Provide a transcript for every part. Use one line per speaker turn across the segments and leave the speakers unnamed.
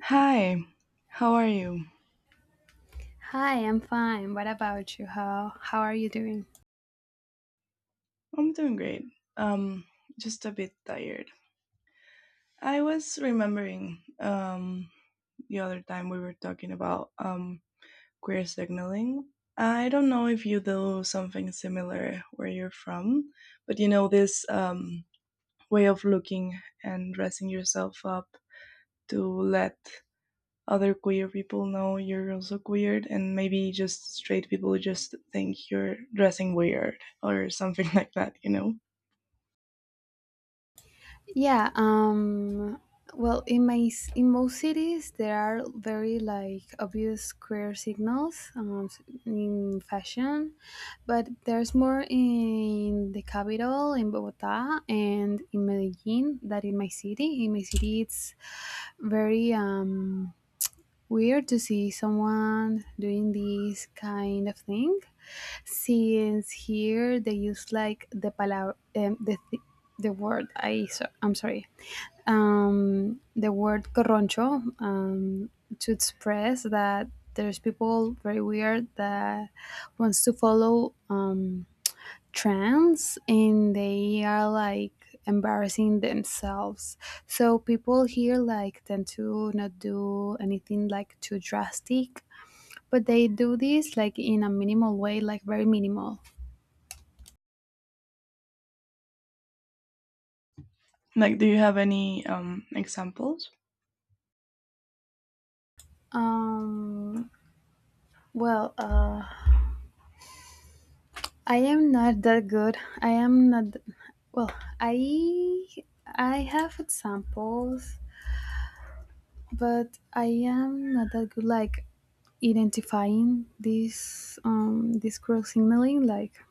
Hi, how are you?
Hi, I'm fine. What about you? How are you doing?
I'm doing great. Um, just a bit tired. I was remembering the other time we were talking about queer signaling. I don't know if you do something similar where you're from, but you know this way of looking and dressing yourself up to let other queer people know you're also queer, and maybe just straight people just think you're dressing weird or something like that, you know?
Yeah, well, in in most cities there are very like obvious queer signals in fashion, but there's more in the capital in Bogota and in Medellin than in my city. In my city, it's very weird to see someone doing this kind of thing since here they use like the palabra, the word I so, I'm sorry, the word corroncho, to express that there's people very weird that wants to follow trends and they are like embarrassing themselves. So people here like tend to not do anything like too drastic, but they do this like in a minimal way, like very minimal.
Like, do you have any examples?
Um, well, uh, I am not that good. I am not. Th- Well, I I have examples, but I am not that good. Like identifying this cross signaling. Like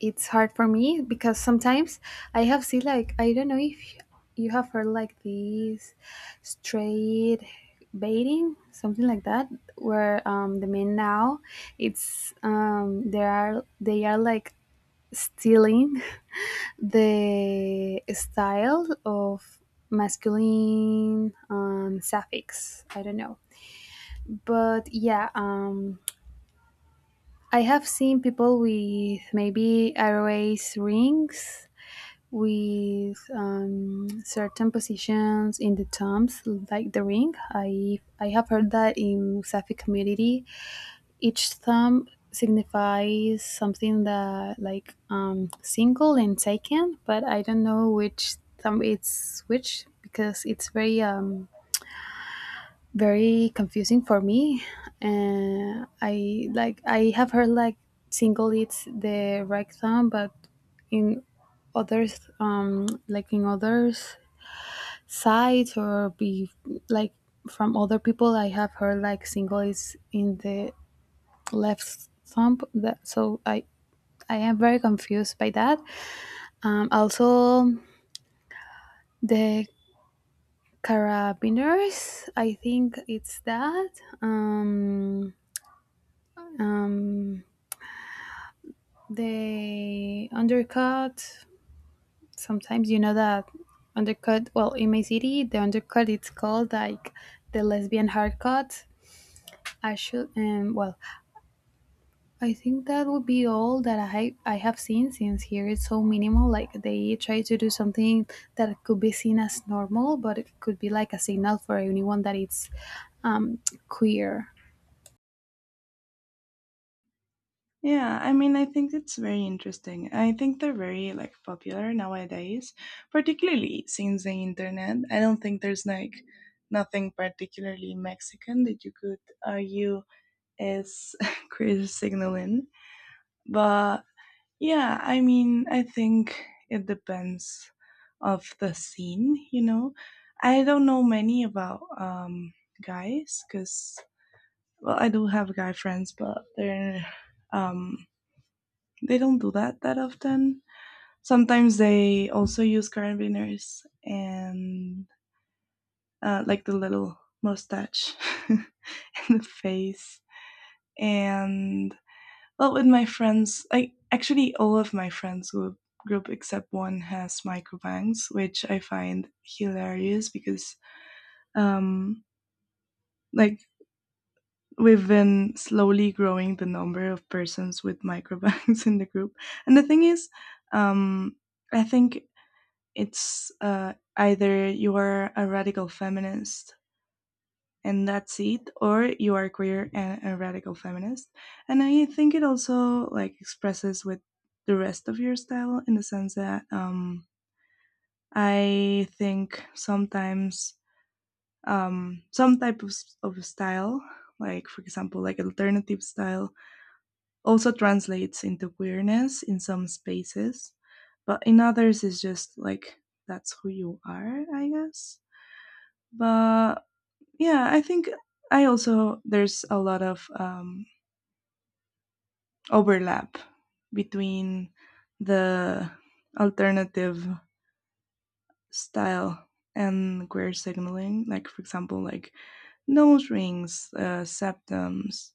it's hard for me because sometimes I have seen like I don't know if you have heard like these straight baiting something like that where, the men now it's there are they are like stealing the style of masculine suffix I don't know, but yeah, I have seen people with maybe erase rings with, certain positions in the tombs, like the ring. I have heard that in Safi community, each thumb signifies something that like, single and taken, but I don't know which thumb it's which because it's very very confusing for me. I like I have heard like single it's the right thumb, but in others, sites or be like from other people I have heard like single is in the left thumb. That so I am very confused by that. Also the carabiners I think it's that. Um, um They undercut. Sometimes you know that undercut. Well, in my city, the undercut it's called like the lesbian haircut. I should um well, I think that would be all that I have seen since here it's so minimal. Like they try to do something that could be seen as normal, but it could be like a signal for anyone that it's um queer.
Yeah, I mean, I think it's very interesting. I think they're very like popular nowadays, particularly since the internet. I don't think there's like nothing particularly Mexican that you could argue is queer signaling, but yeah, I mean, I think it depends of the scene, you know. I don't know many about guys cuz well, I do have guy friends, but they're um they don't do that that often. Sometimes they also use carabiners and like the little mustache in the face and well, with my friends, I actually all of my group except one has microbanks, which I find hilarious because um like we've been slowly growing the number of persons with microbanks in the group. And the thing is, um I think it's either you are a radical feminist and that's it, or you are queer and a radical feminist. And I think it also like expresses with the rest of your style, in the sense that I think sometimes some type of style, like for example like alternative style, also translates into queerness in some spaces, but in others it's just like that's who you are, I guess. But yeah, I think I also there's a lot of overlap between the alternative style and queer signaling. Like for example, like nose rings, septums,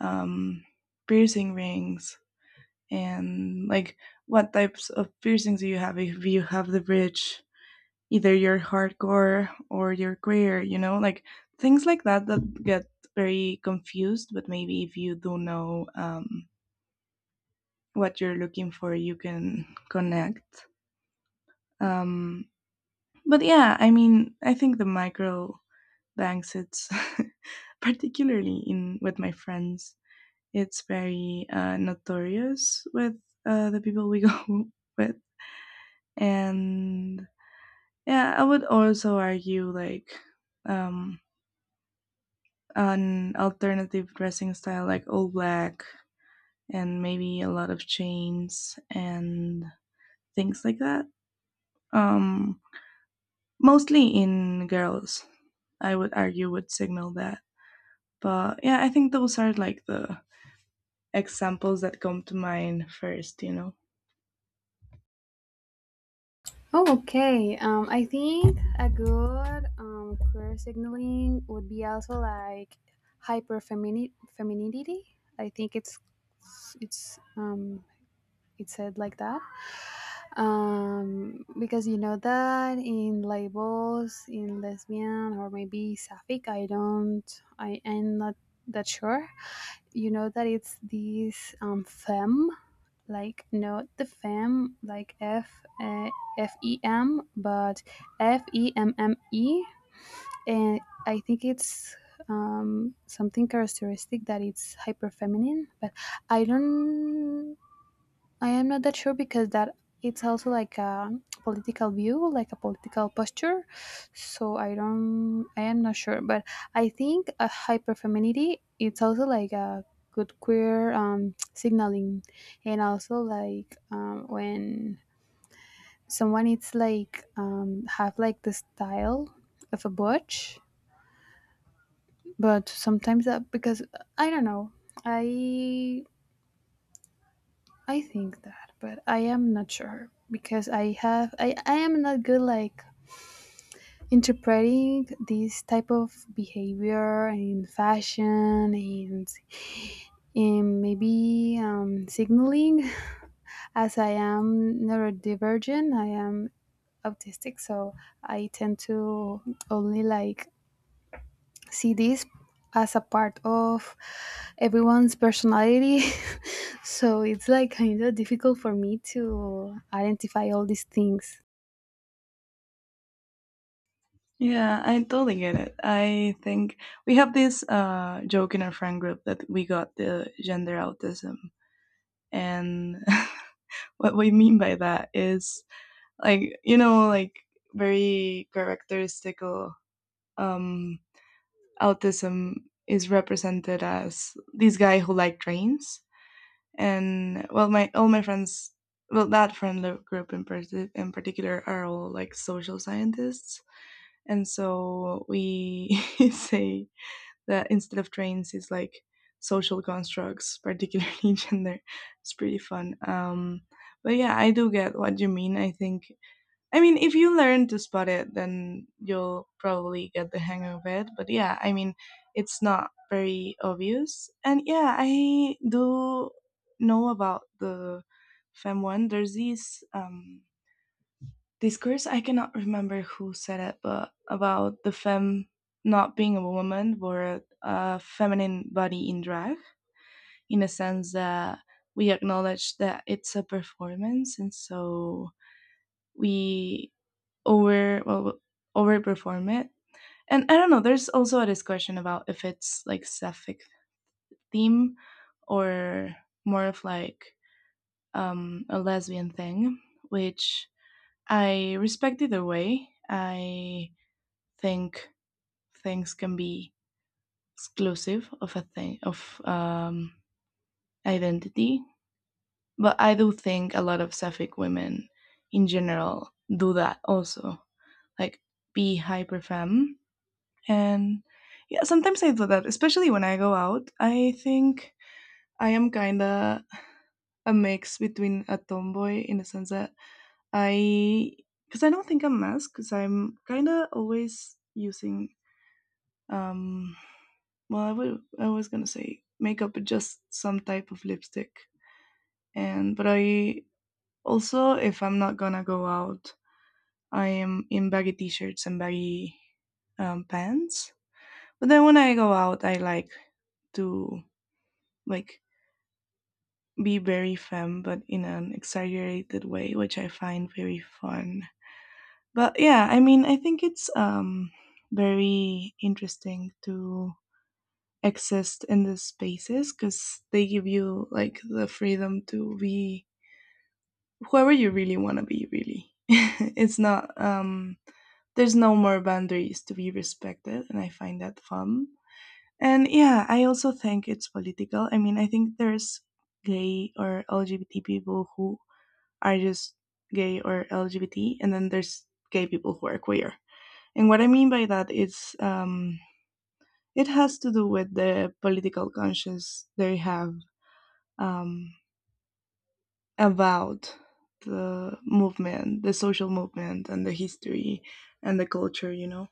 um, piercing rings, and like what types of piercings do you have? If you have the bridge, either your hardcore or your career, you know, like things like that that get very confused. But maybe if you do know what you're looking for, you can connect. Um, but yeah, I mean, I think the micro banks, it's particularly in with my friends, it's very notorious with the people we go with, and yeah, I would also argue like um, an alternative dressing style like all black and maybe a lot of chains and things like that. Um, mostly in girls, I would argue would signal that. But yeah, I think those are like the examples that come to mind first, you know.
Oh, okay. I think a good queer signaling would be also like hyper femininity. I think it's um, it's said like that. Because you know that in labels in lesbian or maybe sapphic, I am not that sure. You know that it's this femme, like not the fem, like uh, f e m, but f e m m e, and I think it's something characteristic that it's hyper feminine, but i don't I am not that sure because that it's also like a political view, like a political posture. So I am not sure, but I think a hyperfemininity it's also like a good queer signaling, and also like, when someone it's like, have like the style of a butch, but sometimes that because I don't know, I I think that, but I am not sure because I am not good like interpreting this type of behavior and fashion and maybe signaling as I am neurodivergent. I am autistic, so I tend to only like see this as a part of everyone's personality. So it's like kind of difficult for me to identify all these things.
Yeah, I totally get it. I think we have this joke in our friend group that we got the gender autism. And what we mean by that is like you know like very characteristic. um autism is represented as this guy who liked trains, and well my all my friends, well that friend group in particular are all like social scientists, and so we say that instead of trains it's like social constructs, particularly gender. It's pretty fun. But yeah, I do get what you mean. I think I mean, if you learn to spot it, then you'll probably get the hang of it. But yeah, I mean, it's not very obvious. And yeah, I do know about the Fem one. There's this discourse, I cannot remember who said it, but about the Fem not being a woman, but a feminine body in drag, in a sense that we acknowledge that it's a performance. And so we over well overperform it. And I don't know, there's also a discussion about if it's like sapphic theme or more of like a lesbian thing, which I respect either way. I think things can be exclusive of a thing of identity, but I do think a lot of sapphic women in general do that also, like be hyper femme. And yeah, sometimes I do that, especially when I go out. I think I am kind of a mix between a tomboy, in the sense that I, because I don't think I'm masked, because I'm kind of always using, um, well, I, would, I was going to say makeup, but just some type of lipstick. And, but I also, if I'm not going to go out, I am in baggy t shirts and baggy pants. But then when I go out, I like to like be very femme but in an exaggerated way, which I find very fun. But yeah, I mean, I think it's very interesting to exist in these spaces, because they give you like the freedom to be whoever you really want to be, really. It's not there's no more boundaries to be respected, and I find that fun. And yeah, I also think it's political. I mean, I think there's gay or LGBT people who are just gay or LGBT, and then there's gay people who are queer. And what I mean by that is it has to do with the political conscience they have um, about the movement, the social movement, and the history and the culture, you know?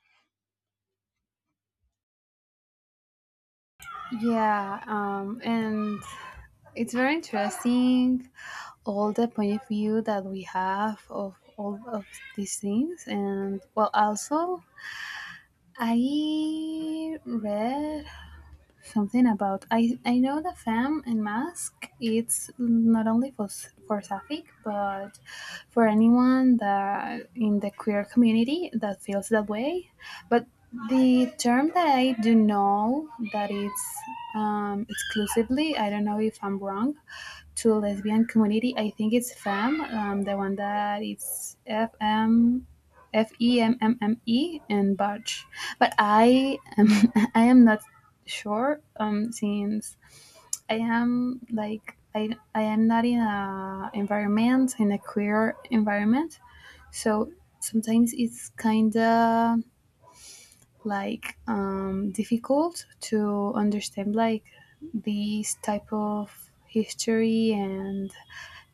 Yeah, and it's very interesting all the point of view that we have of all of these things. And well, also, I read something about I know the fam and mask. It's not only for for Safik, but for anyone that in the queer community that feels that way. But the term that I do know that it's exclusively. I don't know if I'm wrong, to lesbian community. I think it's FEM, the one that it's F M F E M M M E and Barge. But I am I am not sure, since I am like I am not in a environment in a queer environment, so sometimes it's kind of like difficult to understand like these type of history and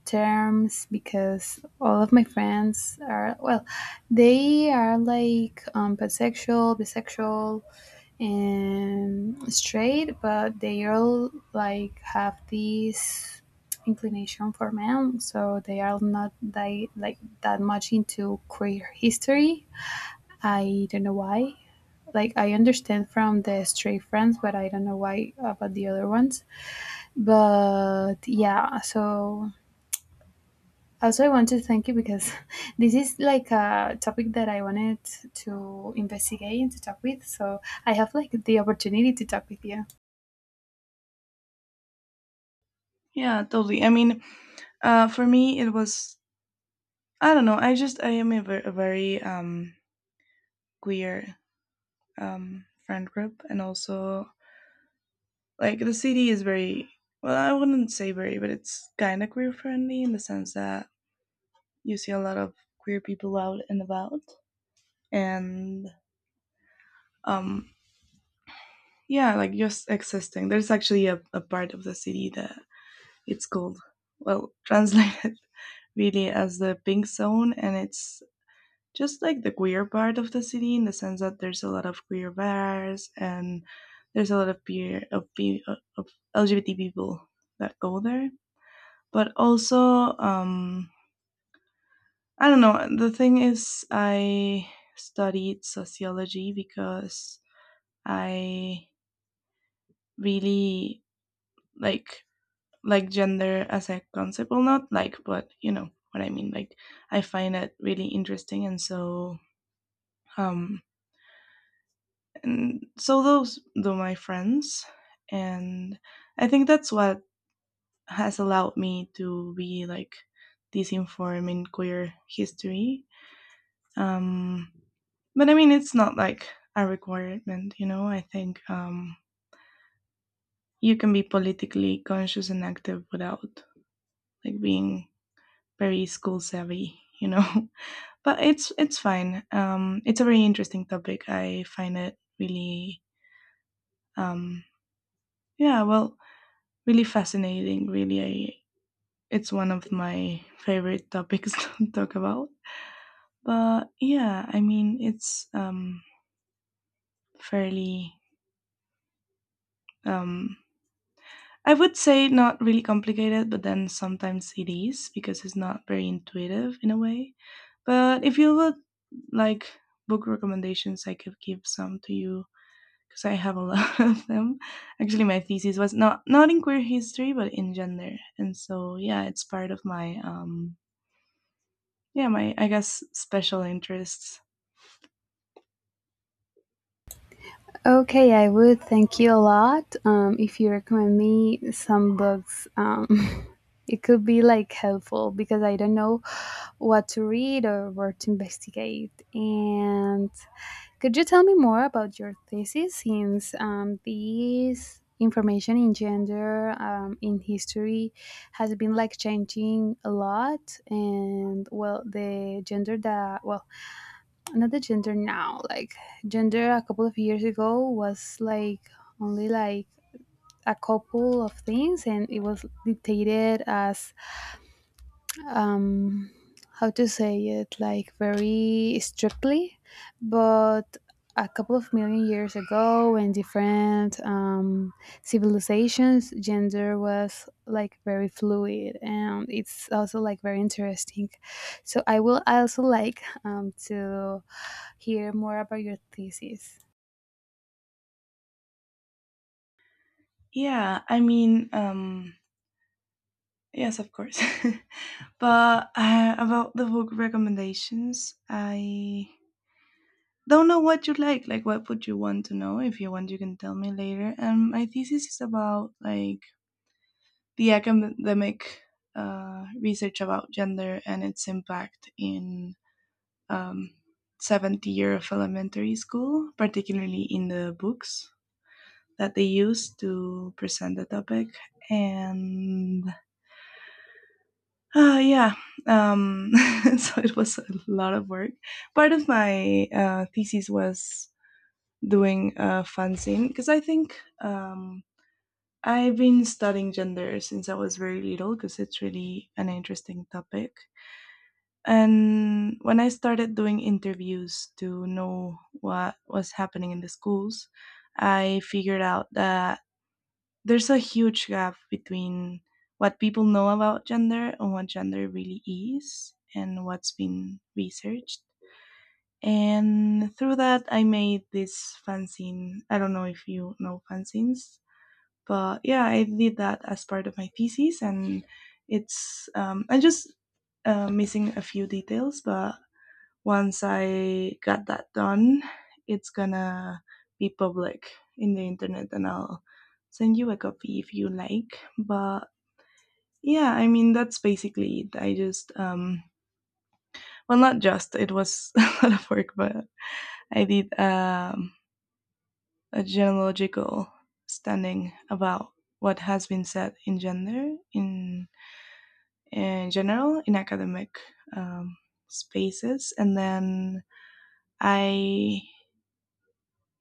terms because all of my friends are well they are like pansexual bisexual and straight, but they all like have this inclination for men, so they are not that, like that much into queer history. I don't know why. Like I understand from the straight friends, but I don't know why about the other ones. But yeah, so also, I want to thank you because this is like a topic that I wanted to investigate and to talk with. So I have like the opportunity to talk with you.
Yeah, totally. I mean, uh, for me, it was I don't know. I just I am a, ver- a very queer friend group, and also like the city is very well. I wouldn't say very, but it's kind of queer friendly, in the sense that you see a lot of queer people out and about, and um, yeah, like just existing. There's actually a part of the city that it's called well translated really as the pink zone, and it's just like the queer part of the city in the sense that there's a lot of queer bars and there's a lot of peer of, pe- of LGBT people that go there. But also, I don't know. The thing is, I studied sociology because I really like like gender as a concept. Well, not like, but you know what I mean. Like, I find it really interesting, and so um, and so those were my friends. And I think that's what has allowed me to be like this informed in queer history. Um, but I mean, it's not like a requirement, you know? I think you can be politically conscious and active without like being very school savvy, you know? But it's fine. It's a very interesting topic. I find it really um, yeah, well, really fascinating. Really, I, it's one of my favorite topics to talk about. But yeah, I mean, it's fairly, um, I would say not really complicated, but then sometimes it is because it's not very intuitive in a way. But if you would like book recommendations, I could give some to you because I have a lot of them. Actually, my thesis was not in queer history, but in gender, and so yeah, it's part of my yeah my I guess special interests.
Okay, I would. Thank you a lot. If you recommend me some books, it could be like helpful because I don't know what to read or where to investigate. And could you tell me more about your thesis since, this information in gender, in history, has been like changing a lot? And well, the gender that, well, another gender now like gender a couple of years ago was like only like a couple of things and it was dictated as um how to say it like very strictly, but a couple of million years ago in different civilizations gender was like very fluid and it's also like very interesting, so I will also like to hear more about your thesis.
Yeah, I mean yes, of course. But about the book recommendations, I don't know what you like what would you want to know. If you want, you can tell me later. And my thesis is about like the academic research about gender and its impact in um, seventh year of elementary school, particularly in the books that they use to present the topic. And yeah, um, so it was a lot of work. Part of my thesis was doing a fanzine, because I think I've been studying gender since I was very little because it's really an interesting topic. And when I started doing interviews to know what was happening in the schools, I figured out that there's a huge gap between what people know about gender and what gender really is and what's been researched. And through that, I made this fanzine. I don't know if you know fanzines, but yeah, I did that as part of my thesis, and it's I'm just missing a few details, but once I got that done, it's gonna be public in the internet, and I'll send you a copy if you like. But yeah, I mean, that's basically it. I just, well, not just, it was a lot of work, but I did a genealogical standing about what has been said in gender in general in academic um, spaces. And then I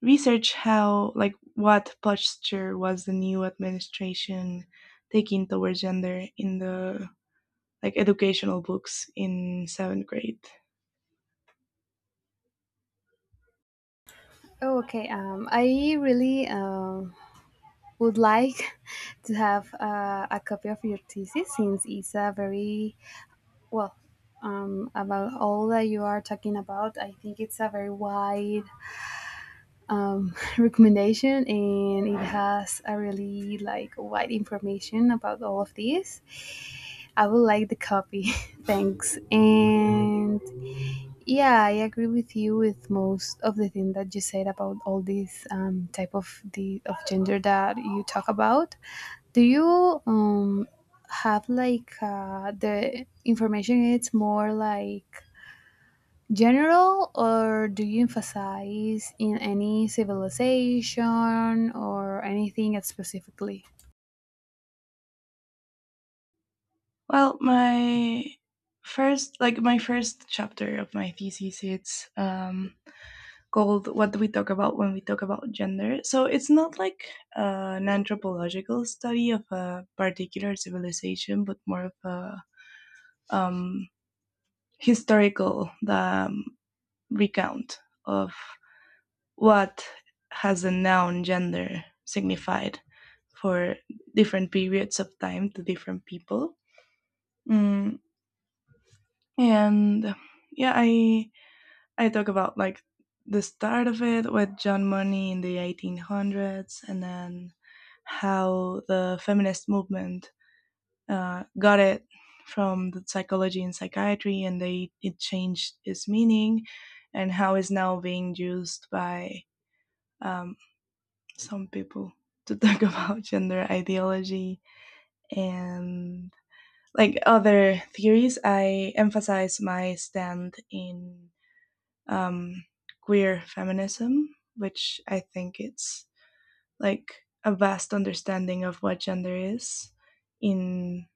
research how, like what posture was the new administration taking towards gender in the like educational books in seventh grade.
Oh, okay. I really would like to have a copy of your thesis since it's a very, well, about all that you are talking about. I think it's a very wide recommendation and it has a really like wide information about all of this. I would like the copy. Thanks. And yeah, I agree with you with most of the thing that you said about all these type of the of gender that you talk about. Do you have like the information? It's more like general, or do you emphasize in any civilization or anything specifically?
Well my first, like my first chapter of my thesis it's called What Do We Talk About When We Talk About Gender? So it's not like an anthropological study of a particular civilization, but more of a um, historical recount of what has the noun gender signified for different periods of time to different people. Mm, and yeah, I talk about like the start of it with John Money in the 1800s, and then how the feminist movement got it from the psychology and psychiatry, and they it changed its meaning, and how it's now being used by um, some people to talk about gender ideology and like other theories. I emphasize my stand in um, queer feminism, which I think it's like a vast understanding of what gender is in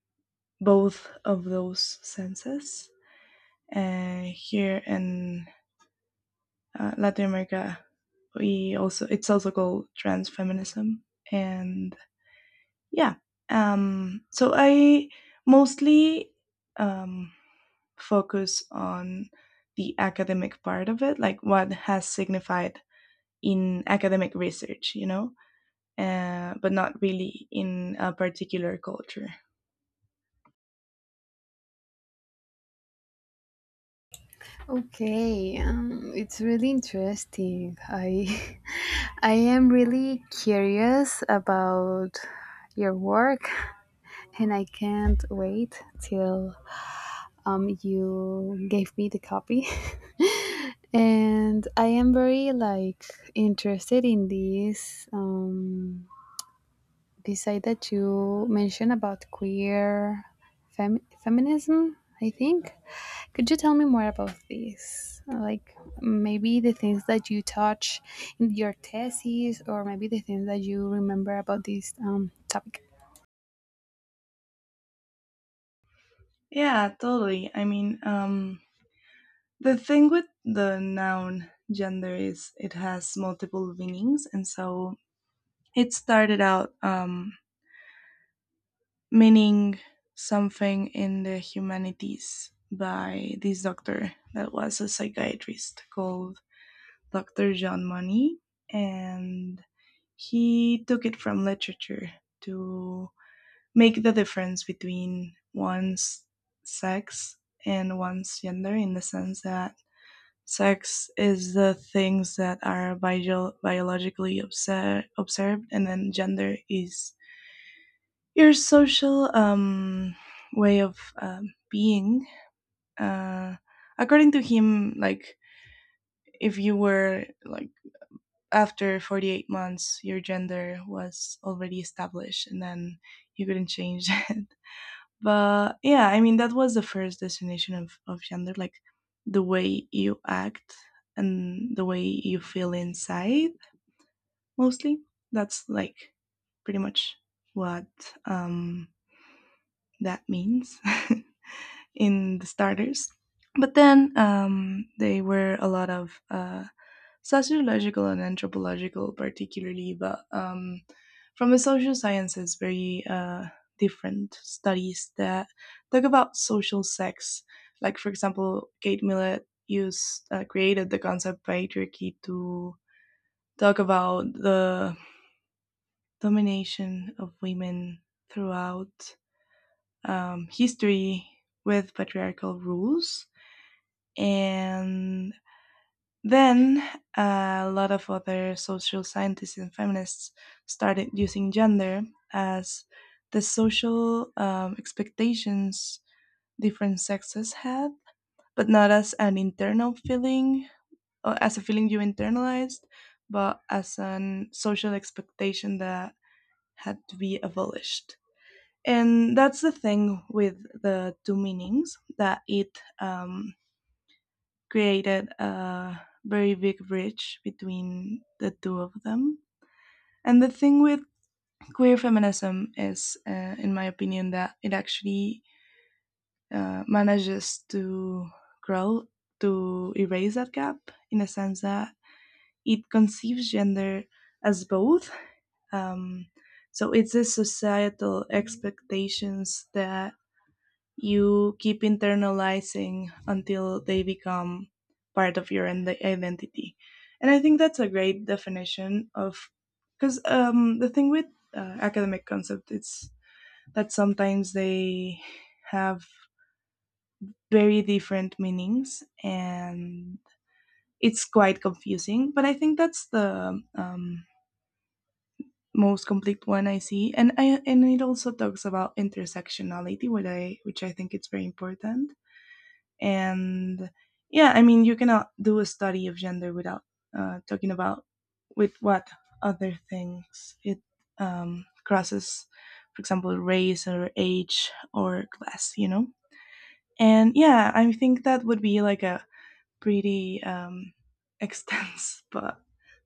both of those senses. Here in Latin America, we also it's also called trans feminism, and yeah. So I mostly um, focus on the academic part of it, like what has signified in academic research, you know, but not really in a particular culture.
Okay, it's really interesting. I I am really curious about your work, and I can't wait till, you gave me the copy. And I am very like interested in this. This side that you mentioned about queer feminism, I think. Could you tell me more about this? Like maybe the things that you touch in your thesis, or maybe the things that you remember about this topic.
Yeah, totally. I mean, the thing with the noun gender is it has multiple meanings, and so it started out meaning something in the humanities by this doctor that was a psychiatrist called Dr. John Money, and he took it from literature to make the difference between one's sex and one's gender in the sense that sex is the things that are biologically observed, and then gender is your social way of being uh, according to him. Like if you were like after 48 months your gender was already established, and then you couldn't change it. But yeah, I mean, that was the first destination of gender, like the way you act and the way you feel inside, mostly. That's like pretty much what um, that means in the starters. But then they were a lot of sociological and anthropological, particularly, but from the social sciences, very different studies that talk about social sex. Like, for example, Kate Millett used created the concept patriarchy to talk about the domination of women throughout history with patriarchal rules. And then a lot of other social scientists and feminists started using gender as the social expectations different sexes had, but not as an internal feeling or as a feeling you internalized, but as an social expectation that had to be abolished. And that's the thing with the two meanings, that it created a very big bridge between the two of them. And the thing with queer feminism is, in my opinion, that it actually manages to grow, to erase that gap, in the sense that it conceives gender as both. Um, so it's the societal expectations that you keep internalizing until they become part of your identity. And I think that's a great definition of, because the thing with academic concept is that sometimes they have very different meanings and it's quite confusing. But I think that's the most complete one I see, and it also talks about intersectionality, which I think it's very important. And yeah, I mean, you cannot do a study of gender without talking about with what other things it crosses. For example, race or age or class, you know. And yeah, I think that would be like a pretty extensive but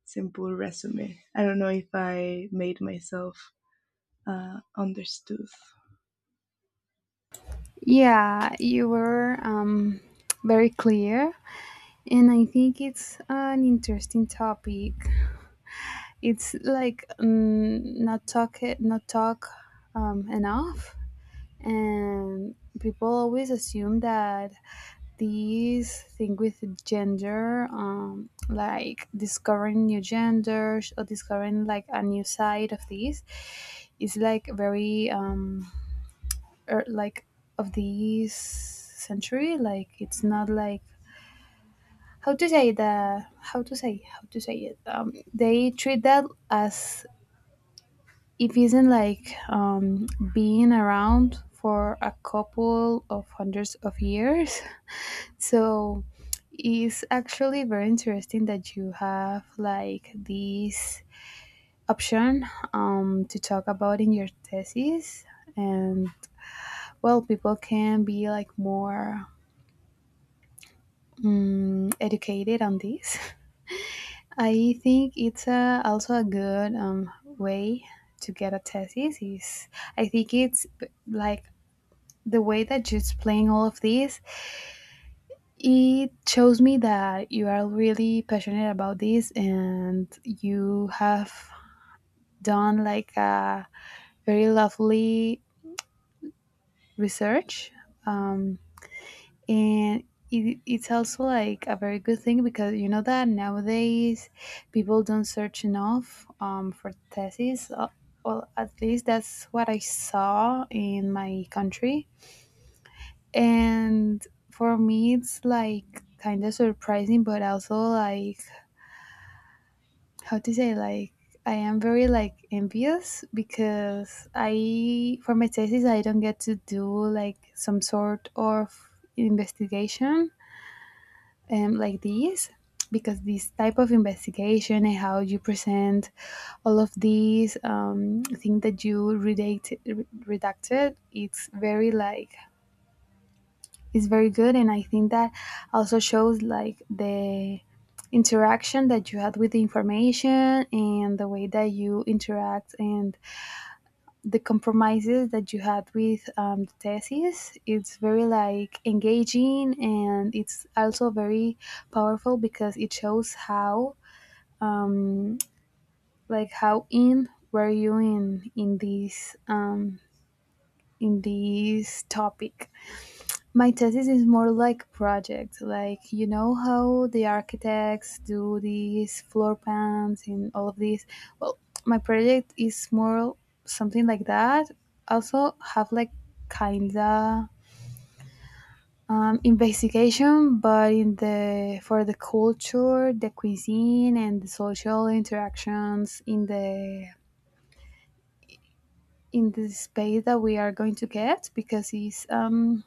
simple resume. I don't know if I made myself understood.
Yeah, you were very clear, and I think it's an interesting topic. It's like not talk enough. And people always assume that these thing with gender like discovering new genders or discovering like a new side of these, is like very like of this century, like it's not like how to say how to say it, they treat that as it isn't like being around for a couple of hundreds of years. So it's actually very interesting that you have like this option to talk about in your thesis. And well, people can be like more educated on this. I think it's a, also a good way to get a thesis. Is I think it's like the way that you explain all of this, it shows me that you are really passionate about this and you have done like a very lovely research. Um, and it, it's also like a very good thing because you know that nowadays people don't search enough for thesis. Well, at least that's what I saw in my country, and for me it's like kind of surprising, but also like how to say, like I am very like envious because I for my thesis I don't get to do like some sort of investigation, like this, because this type of investigation and how you present all of these things that you redacted it's very like is very good, and I think that also shows like the interaction that you had with the information and the way that you interact and the compromises that you had with, the thesis it's very like engaging, and it's also very powerful because it shows how um, like how in were you in this in this topic. My thesis is more like project, like you know how the architects do these floor plans and all of this. Well, my project is more something like that. Also have like kinda investigation, but in the for the culture, the cuisine, and the social interactions in the space that we are going to get because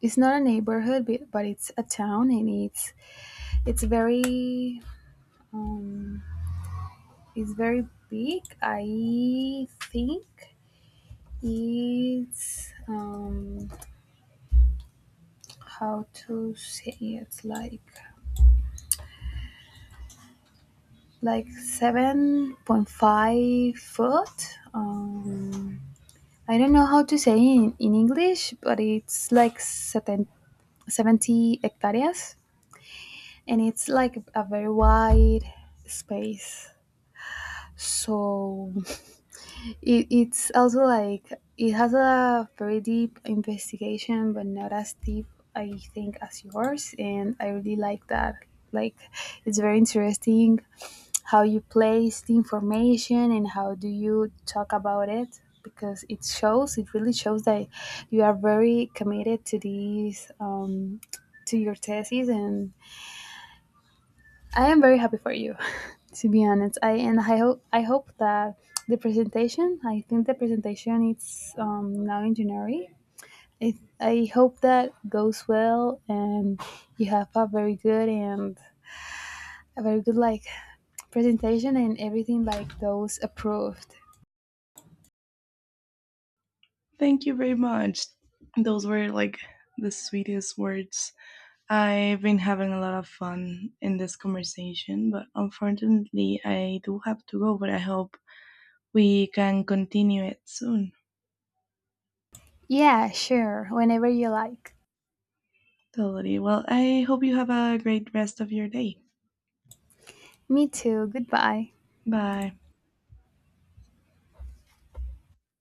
it's not a neighborhood, but it's a town, and it's very um, it's very big. I think it's how to say it like 7.5 foot. I don't know how to say in English, but it's like 70 hectares, and it's like a very wide space. So it, it's also like it has a very deep investigation, but not as deep, I think, as yours. And I really like that. Like, it's very interesting how you place the information and how do you talk about it because it shows it really shows that you are very committed to these to your thesis, and I am very happy for you, to be honest. I hope that the presentation. I think the presentation is now in January. I I hope that goes well, and you have a very good and a very good like presentation, and everything like those approved.
Thank you very much. Those were like the sweetest words. I've been having a lot of fun in this conversation, but unfortunately, I do have to go. But I hope we can continue it soon.
Yeah, sure. Whenever you like.
Totally. Well, I hope you have a great rest of your day.
Me too. Goodbye.
Bye.